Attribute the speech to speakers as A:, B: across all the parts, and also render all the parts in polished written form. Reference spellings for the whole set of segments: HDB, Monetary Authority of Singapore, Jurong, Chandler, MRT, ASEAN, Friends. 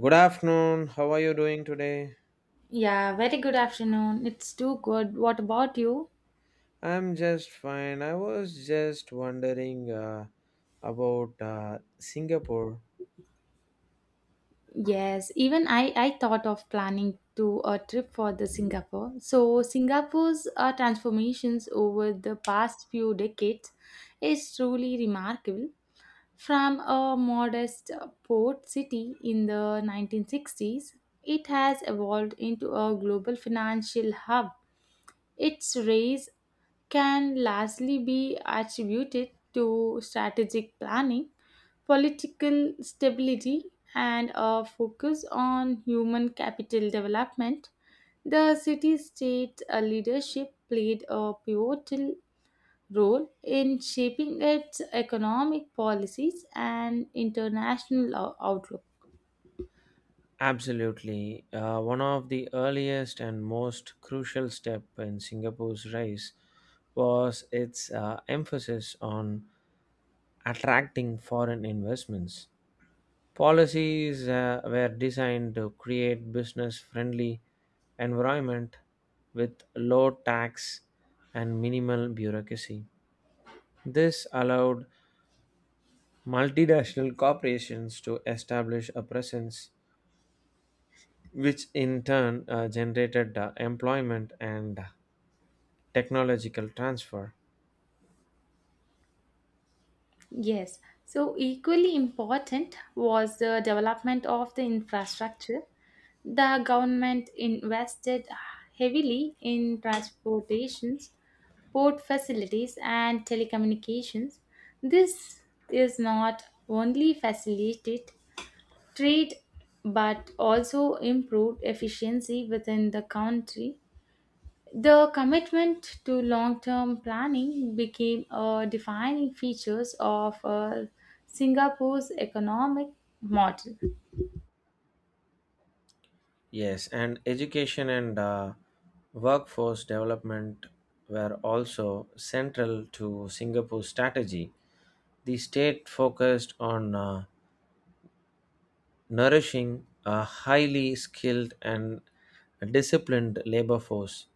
A: Good afternoon. How are you doing today?
B: Yeah, very good afternoon. It's too good. What about you?
A: I'm just fine. I was just wondering about Singapore.
B: Yes, even I thought of planning to a trip for the Singapore. So Singapore's transformations over the past few decades is truly remarkable. From a modest port city in the 1960s, it has evolved into a global financial hub. Its rise can largely be attributed to strategic planning, political stability, and a focus on human capital development. The city state leadership played a pivotal role in shaping its economic policies and international outlook.
A: Absolutely. One of the earliest and most crucial step in Singapore's rise was its emphasis on attracting foreign investments. Policies were designed to create business-friendly environment with low tax and minimal bureaucracy. This allowed multinational corporations to establish a presence, which in turn generated employment and technological transfer.
B: Yes, so equally important was the development of the infrastructure. The government invested heavily in transportations, port facilities, and telecommunications. This is not only facilitated trade but also improved efficiency within the country. The commitment to long-term planning became a defining features of Singapore's economic model.
A: Yes, and education and workforce development were also central to Singapore's strategy. The state focused on nourishing a highly skilled and disciplined labor force,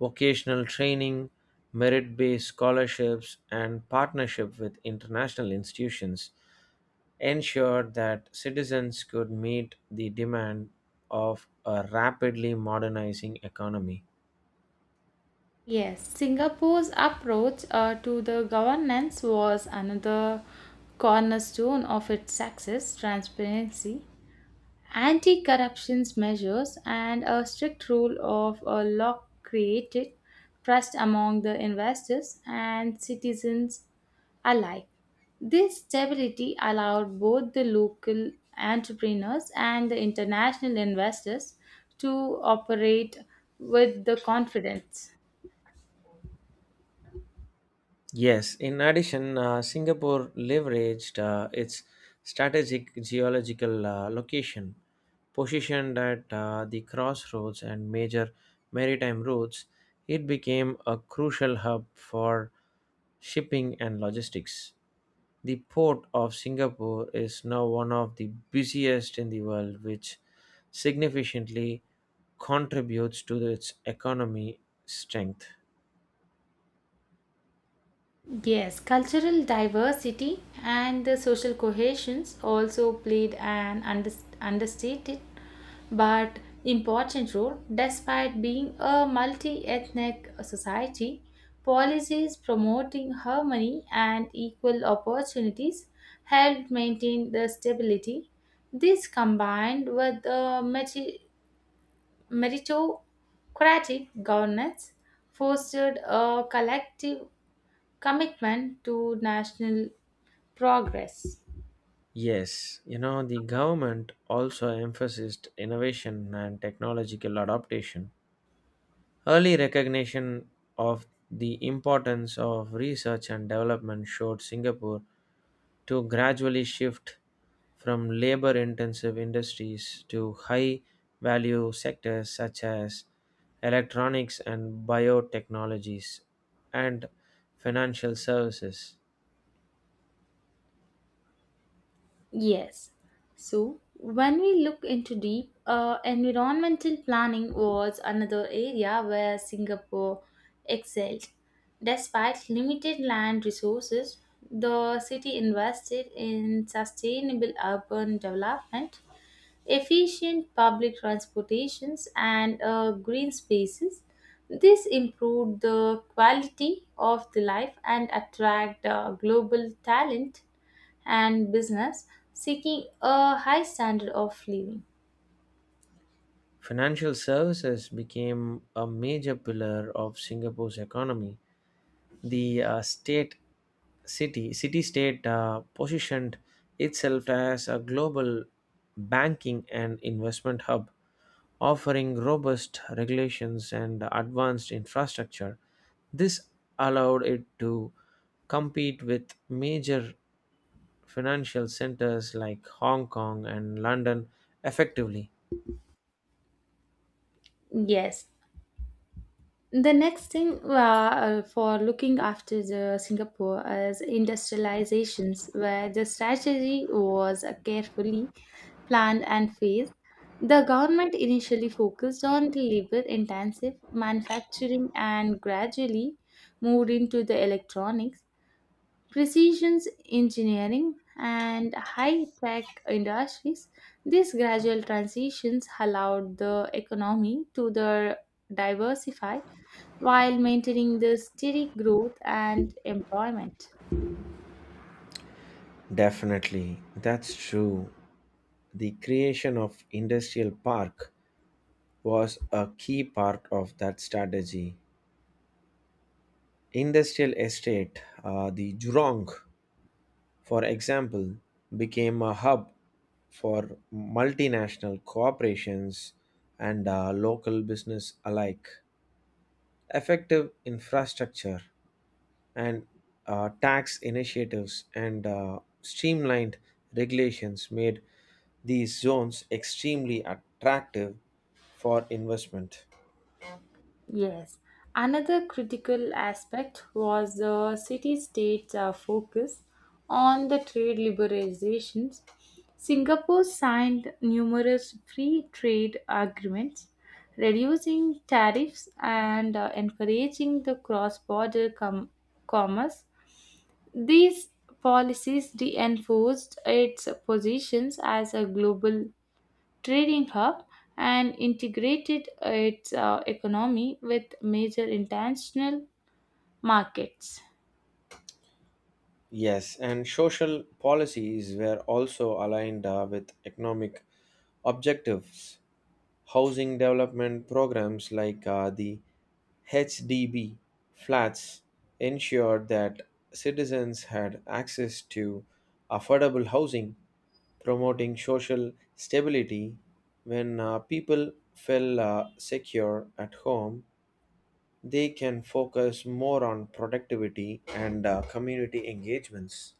A: vocational training, merit based scholarships, and partnership with international institutions ensured that citizens could meet the demand of a rapidly modernizing economy.
B: Yes, Singapore's approach to the governance was another cornerstone of its success. Transparency, anti corruption measures, and a strict rule of a law created trust among the investors and citizens alike. This stability allowed both the local entrepreneurs and the international investors to operate with the confidence.
A: Yes, in addition, Singapore leveraged its strategic geological location, positioned at the crossroads and major maritime routes. It became a crucial hub for shipping and logistics. The port of Singapore is now one of the busiest in the world, which significantly contributes to its economy strength.
B: Yes, cultural diversity and the social cohesions also played an understated but important role. Despite being a multi ethnic society, policies promoting harmony and equal opportunities helped maintain the stability. This, combined with the meritocratic governance, fostered a collective commitment to national progress.
A: Yes, you know, the government also emphasized innovation and technological adaptation. Early recognition of the importance of research and development showed Singapore to gradually shift from labor intensive industries to high value sectors such as electronics and biotechnologies and financial services.
B: Yes. So, when we look into deep, environmental planning was another area where Singapore excelled. Despite limited land resources, the city invested in sustainable urban development, efficient public transportations, and green spaces. This improved the quality of the life and attract global talent and business seeking a high standard of living.
A: Financial services became a major pillar of Singapore's economy. The state city state positioned itself as a global banking and investment hub, offering robust regulations and advanced infrastructure. This allowed it to compete with major financial centers like Hong Kong and London effectively.
B: Yes, the next thing for looking after the Singapore is industrializations, where the strategy was carefully planned and phased. The government initially focused on the labor-intensive manufacturing and gradually moved into the electronics, precision engineering, and high-tech industries. These gradual transitions allowed the economy to the diversify while maintaining the steady growth and employment.
A: Definitely, that's true. The creation of industrial park was a key part of that strategy. Industrial estate, the Jurong, for example, became a hub for multinational corporations and local business alike. Effective infrastructure and tax initiatives and streamlined regulations made these zones extremely attractive for investment.
B: Yes. Another critical aspect was the city state's focus on the trade liberalizations. Singapore signed numerous free trade agreements, reducing tariffs and encouraging the cross border commerce. These policies reinforced its positions as a global trading hub and integrated its economy with major international markets.
A: Yes, and social policies were also aligned with economic objectives. Housing development programs like the HDB flats ensured that citizens had access to affordable housing promoting social stability. When people feel secure at home, they can focus more on productivity and community engagements.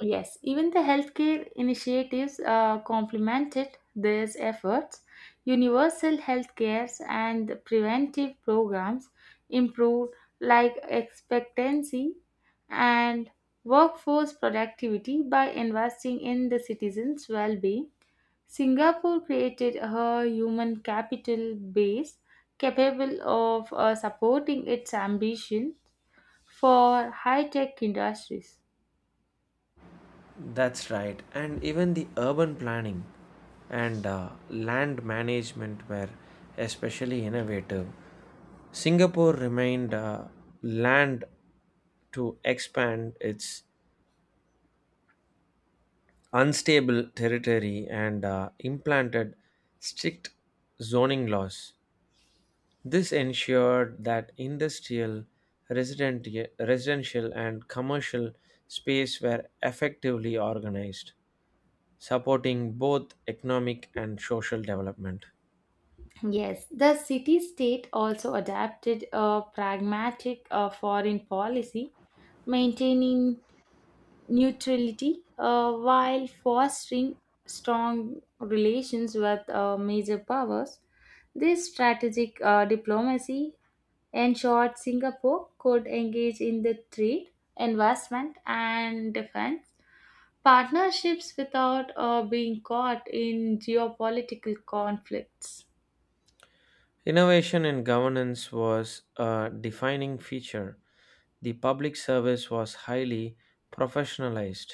B: Yes, even the healthcare initiatives complemented these efforts. Universal healthcare and preventive programs improved life expectancy and workforce productivity. By investing in the citizens' well-being, Singapore created a human capital base capable of supporting its ambition for high tech industries.
A: That's right, and even the urban planning and land management were especially innovative. Singapore remained land to expand its unstable territory and implanted strict zoning laws. This ensured that industrial, resident, residential, and commercial space were effectively organized, supporting both economic and social development.
B: Yes, the city state also adapted a pragmatic foreign policy, maintaining neutrality while fostering strong relations with major powers. This strategic diplomacy, in short, Singapore could engage in the trade, investment, and defense partnerships without being caught in geopolitical conflicts.
A: Innovation in governance was a defining feature. The public service was highly professionalized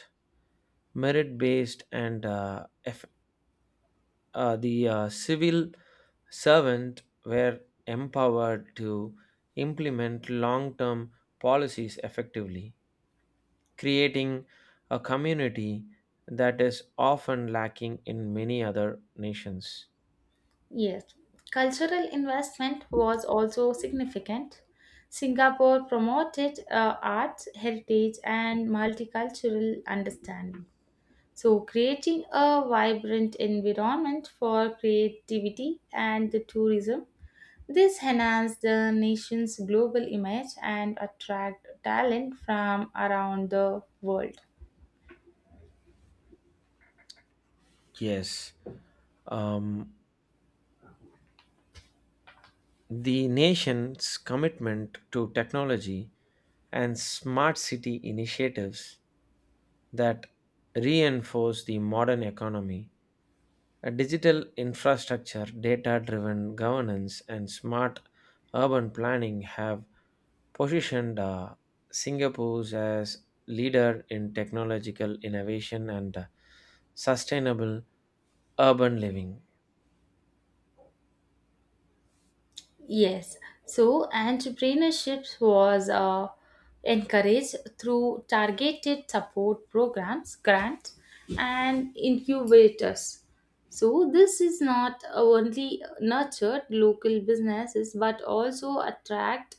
A: merit based and the civil servant were empowered to implement long-term policies effectively, creating a community that is often lacking in many other nations.
B: Yes, cultural investment was also significant. Singapore promoted arts, heritage, and multicultural understanding. So, creating a vibrant environment for creativity and the tourism, this enhanced the nation's global image and attract talent from around the world.
A: Yes, um, the nation's commitment to technology and smart city initiatives that reinforce the modern economy. A digital infrastructure, data driven governance, and smart urban planning have positioned Singapore as leader in technological innovation and sustainable urban living.
B: Yes, so entrepreneurship was encouraged through targeted support programs, grants, and incubators. So this is not only nurtured local businesses but also attract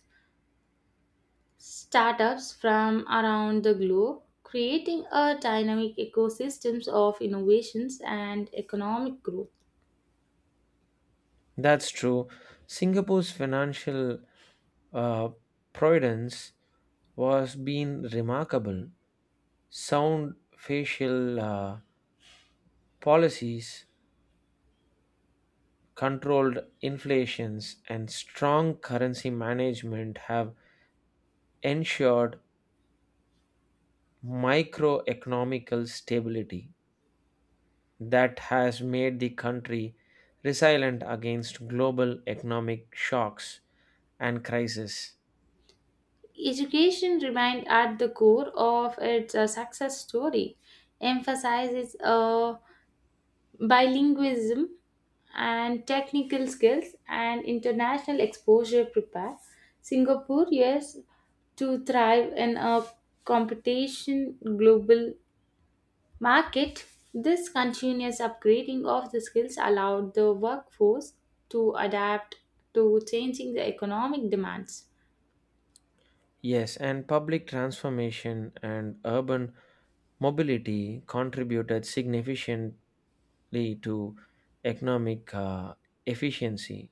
B: startups from around the globe, creating a dynamic ecosystems of innovations and economic growth.
A: That's true. Singapore's financial uh, providence was being remarkable. Sound facial policies controlled inflations and strong currency management have ensured microeconomical stability that has made the country resilient against global economic shocks and crises.
B: Education remained at the core of its success story, emphasizes bilingualism and technical skills and international exposure prepare Singaporeans to thrive in a competition global market. This continuous upgrading of the skills allowed the workforce to adapt to changing the economic demands.
A: Yes, and public transformation and urban mobility contributed significantly to economic efficiency.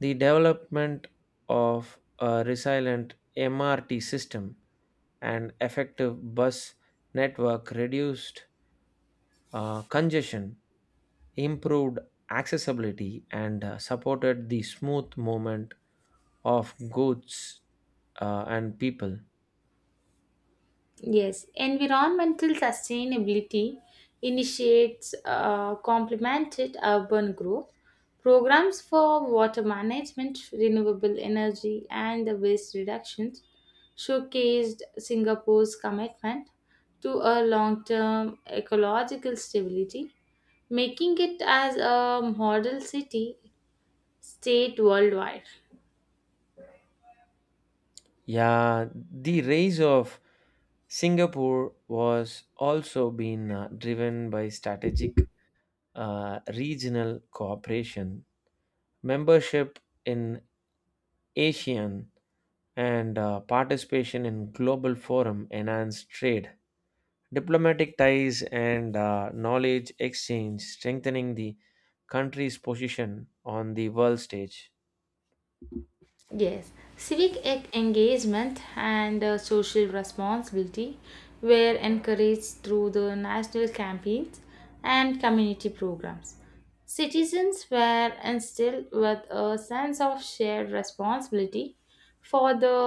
A: The development of a resilient MRT system and effective bus network reduced congestion, improved accessibility, and supported the smooth movement of goods and people.
B: Yes, environmental sustainability initiates complemented urban growth. Programs for water management, renewable energy, and the waste reductions showcased Singapore's commitment to a long term ecological stability, making it as a model city state worldwide.
A: Yeah, the rise of Singapore was also being driven by strategic regional cooperation, membership in ASEAN, and participation in global forum enhanced trade, diplomatic ties, and knowledge exchange, strengthening the country's position on the world stage.
B: Yes, civic engagement and social responsibility were encouraged through the national campaigns and community programs. Citizens were instilled with a sense of shared responsibility for the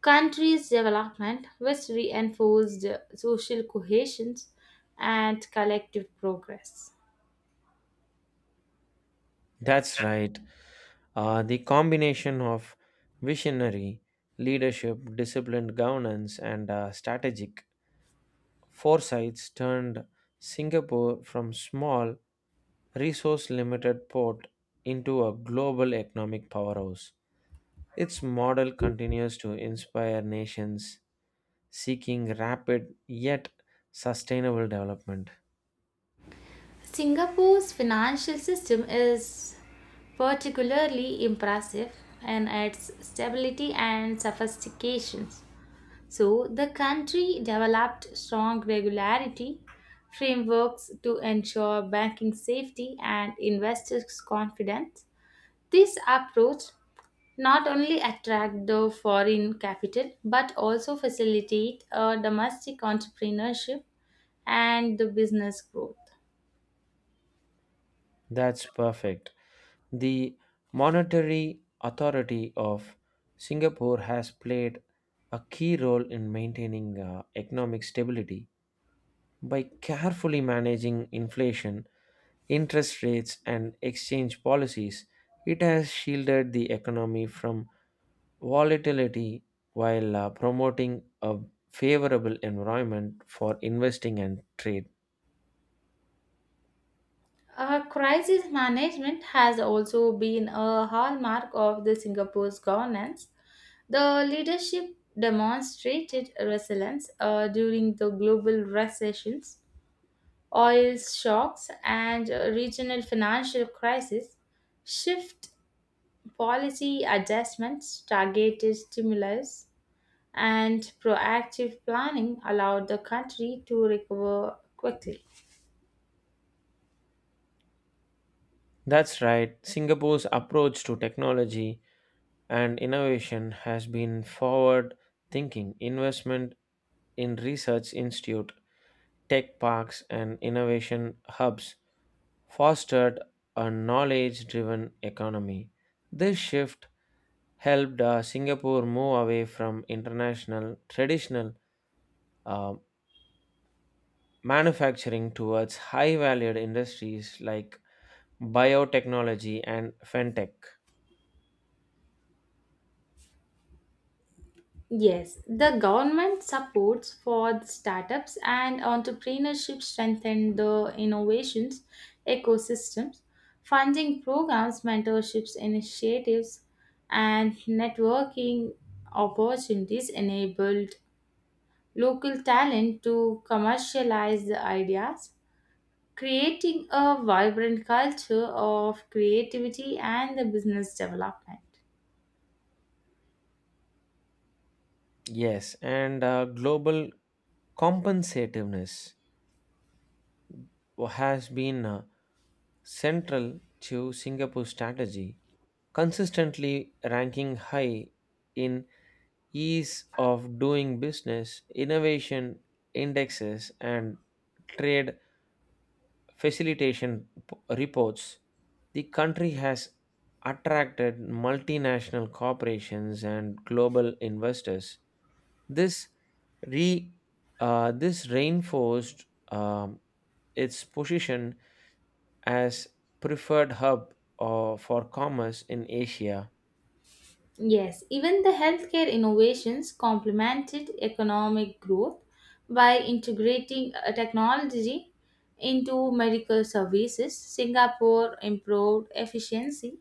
B: country's development, which reinforced social cohesion and collective progress.
A: That's right. The combination of visionary leadership, disciplined governance, and strategic foresights turned Singapore from small, resource-limited port into a global economic powerhouse. Its model continues to inspire nations seeking rapid yet sustainable development.
B: Singapore's financial system is particularly impressive in its stability and sophistication. So, the country developed strong regularity frameworks to ensure banking safety and investors' confidence. This approach not only attract the foreign capital but also facilitate a domestic entrepreneurship and the business growth.
A: That's perfect. The Monetary Authority of Singapore has played a key role in maintaining economic stability by carefully managing inflation, interest rates, and exchange policies. It has shielded the economy from volatility while promoting a favorable environment for investing and trade.
B: Crisis management has also been a hallmark of the Singapore's governance. The leadership demonstrated resilience during the global recessions, oil shocks, and regional financial crisis, shift policy adjustments, targeted stimulus, and proactive planning allowed the country to recover quickly.
A: That's right, Singapore's approach to technology and innovation has been forward thinking investment in research institute tech parks and innovation hubs fostered a knowledge driven economy. This shift helped singapore move away from international traditional uh, manufacturing towards high valued industries like biotechnology and fintech.
B: Yes, the government supports for the startups and entrepreneurship strengthen the innovations ecosystems, funding programs, mentorships initiatives, and networking opportunities enabled local talent to commercialize the ideas, creating a vibrant culture of creativity and the business development.
A: Yes, and global compensativeness has been central to Singapore's strategy, consistently ranking high in ease of doing business, innovation indexes, and trade reports. The country has attracted multinational corporations and global investors. This re this reinforced um, its position as preferred hub for commerce in Asia.
B: Yes, even the healthcare innovations complemented economic growth by integrating technology into medical services. Singapore improved efficiency,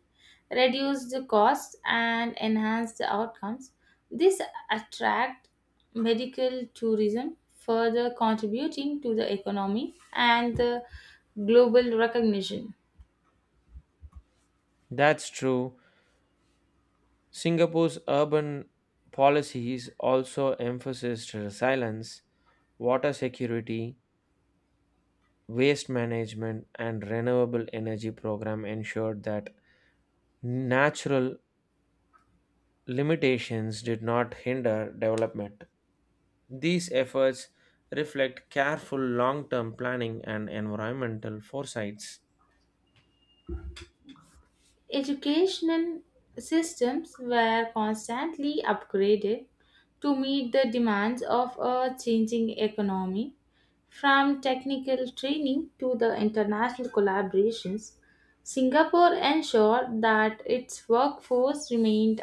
B: reduced the costs, and enhanced the outcomes. This attract medical tourism, further contributing to the economy and the global recognition.
A: That's true. Singapore's urban policies also emphasized resilience, water security, waste management, and renewable energy program ensured that natural limitations did not hinder development. These efforts reflect careful long-term planning and environmental foresights.
B: Educational systems were constantly upgraded to meet the demands of a changing economy. From technical training to the international collaborations, Singapore ensured that its workforce remained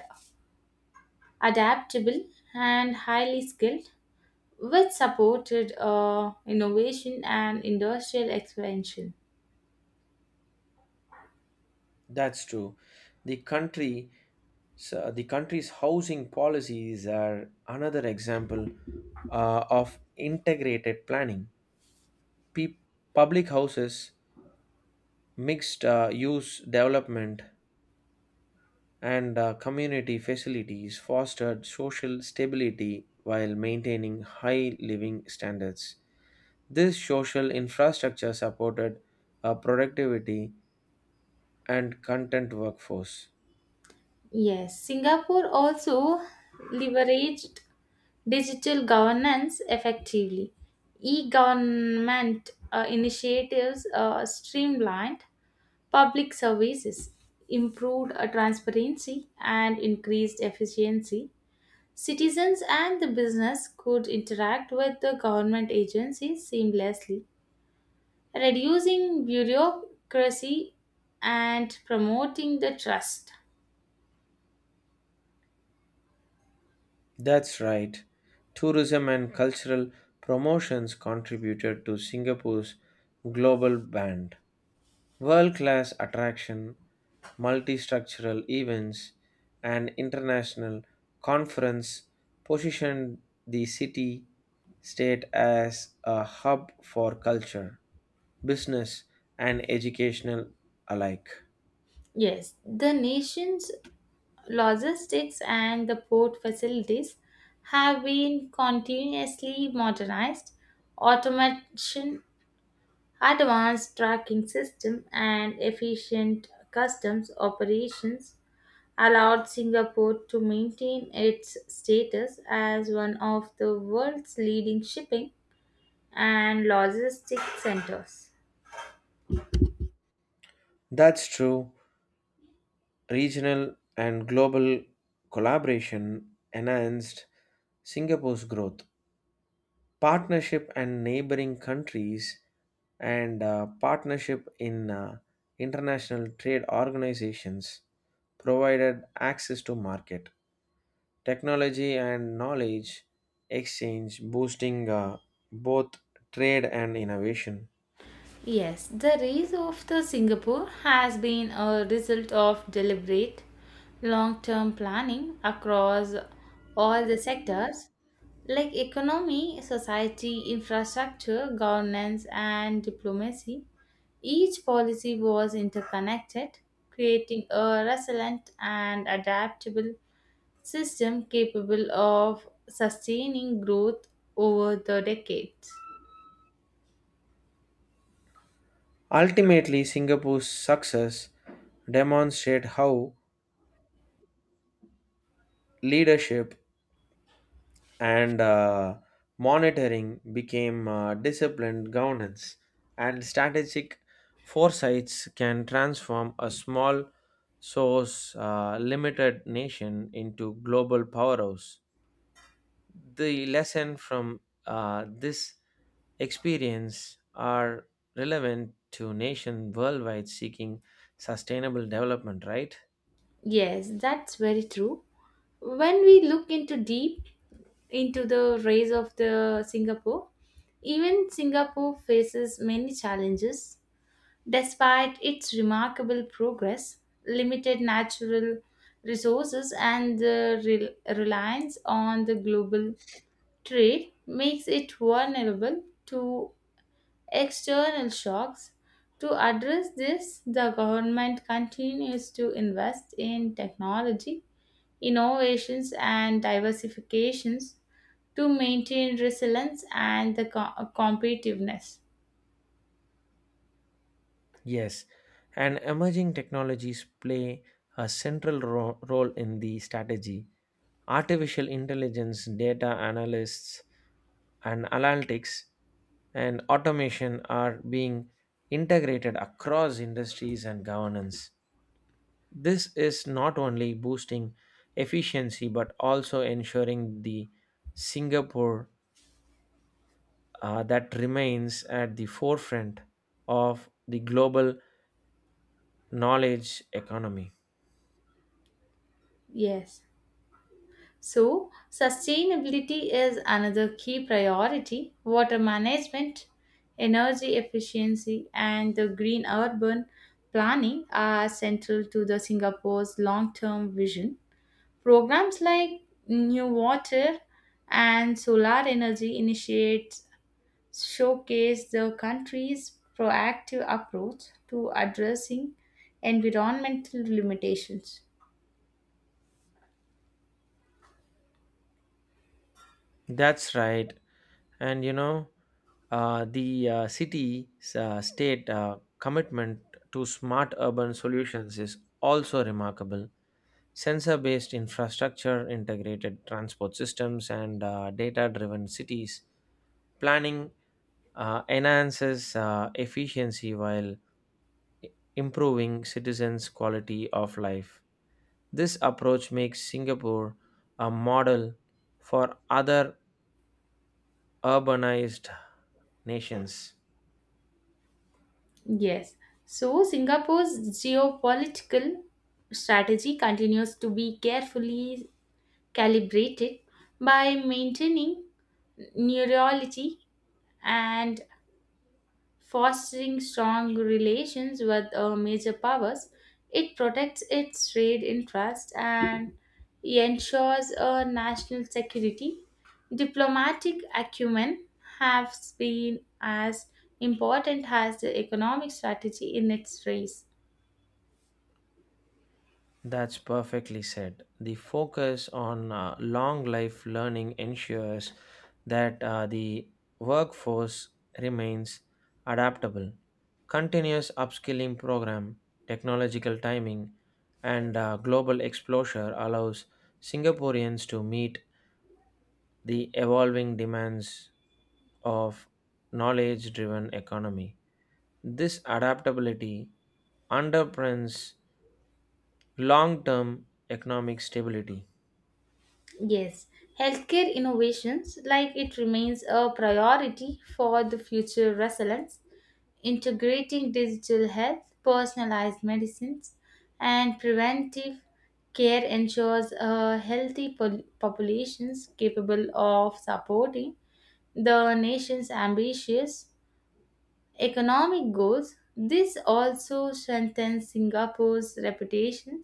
B: adaptable and highly skilled, which supported innovation and industrial expansion.
A: That's true. The country, so the country's housing policies are another example of integrated planning. Pe- public houses, mixed use development, and community facilities fostered social stability while maintaining high living standards. This social infrastructure supported a productivity and content workforce.
B: Yes, Singapore also leveraged digital governance effectively. E government initiatives streamlined public services, improved transparency, and increased efficiency. Citizens and the business could interact with the government agencies seamlessly, reducing bureaucracy and promoting the trust.
A: That's right. Tourism and cultural promotions contributed to Singapore's global brand. World class attraction, multistructural events, and international conference positioned the city state as a hub for culture, business, and educational alike.
B: Yes, the nation's logistics and the port facilities have been continuously modernized. Automation, advanced tracking system, and efficient customs operations allowed Singapore to maintain its status as one of the world's leading shipping and logistics centers.
A: That's true. Regional and global collaboration enhanced Singapore's growth. Partnership and neighboring countries and partnership in international trade organizations provided access to market, technology, and knowledge exchange, boosting both trade and innovation.
B: Yes, the rise of the Singapore has been a result of deliberate long-term planning across all the sectors like economy, society, infrastructure, governance, and diplomacy. Each policy was interconnected, creating a resilient and adaptable system capable of sustaining growth over the decades.
A: Ultimately, Singapore's success demonstrate how leadership and monitoring became disciplined governance and strategic foresights can transform a small source limited nation into global powerhouse. The lesson from this experience are relevant to nation worldwide seeking sustainable development, right?
B: Yes, that's very true. When we look into deep into the rays of the Singapore, even Singapore faces many challenges. Despite its remarkable progress, limited natural resources and the reliance on the global trade makes it vulnerable to external shocks. To address this, the government continues to invest in technology innovations and diversifications to maintain resilience and the competitiveness.
A: Yes, and emerging technologies play a central role in the strategy. Artificial intelligence, data analysts, and analytics and automation are being integrated across industries and governance. This is not only boosting efficiency but also ensuring the Singapore that remains at the forefront of the global knowledge economy.
B: Yes. So, sustainability is another key priority. Water management, energy efficiency, and the green urban planning are central to the Singapore's long-term vision. Programs like New Water and solar energy initiates showcase the country's proactive approach to addressing environmental limitations.
A: That's right. And you know, the city state commitment to smart urban solutions is also remarkable. Sensor based infrastructure, integrated transport systems, and data driven cities planning enhances efficiency while i- improving citizens' quality of life. This approach makes Singapore a model for other urbanized nations.
B: Yes, so Singapore's geopolitical strategy continues to be carefully calibrated by maintaining neurology and fostering strong relations with major powers. It protects its trade interests and ensures national security. Diplomatic acumen has been as important as the economic strategy in its race.
A: That's perfectly said. The focus on long life learning ensures that the workforce remains adaptable. Continuous upskilling program, technological timing, and global exposure allows Singaporeans to meet the evolving demands of knowledge driven economy. This adaptability underpins long term economic stability.
B: Yes, healthcare innovations like it remains a priority for the future resilience, integrating digital health, personalized medicines, and preventive care ensures a healthy populations capable of supporting the nation's ambitious economic goals. This also strengthens Singapore's reputation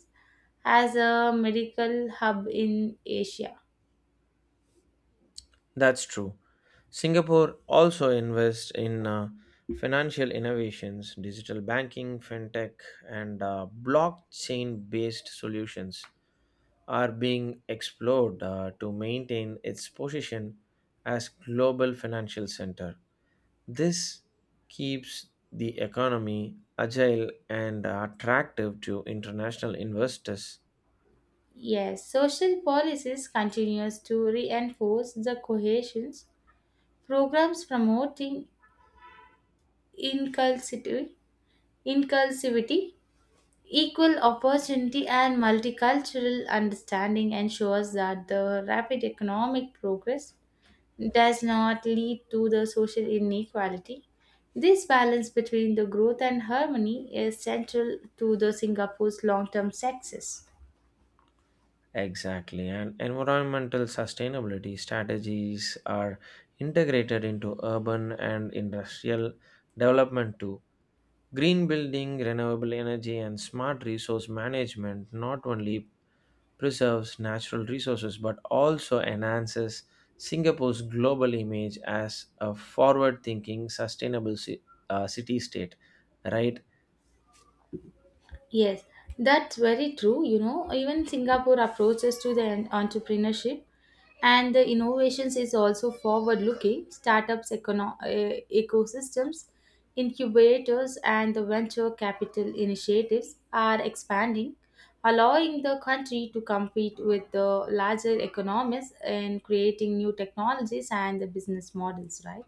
B: as a medical hub in Asia.
A: That's true. Singapore also invests in financial innovations, digital banking, fintech, and blockchain based solutions are being explored to maintain its position as global financial center. This keeps the economy agile and attractive to international investors.
B: Yes, social policies continues to reinforce the cohesions. Programs promoting inclusivity, inclusivity, equal opportunity, and multicultural understanding ensures that the rapid economic progress does not lead to the social inequality. This balance between the growth and harmony is central to the Singapore's long-term success.
A: Exactly, and environmental sustainability strategies are integrated into urban and industrial development too. Green building, renewable energy, and smart resource management not only preserves natural resources but also enhances Singapore's global image as a forward thinking, sustainable city state, right?
B: Yes, that's very true. You know, even Singapore approaches to the entrepreneurship and the innovations is also forward looking startups ecosystems, incubators, and the venture capital initiatives are expanding, allowing the country to compete with the larger economies in creating new technologies and the business models, right?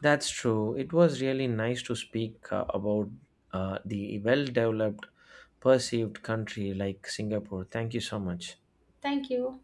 A: That's true. It was really nice to speak about the well developed, perceived country like Singapore. Thank you so much.
B: Thank you.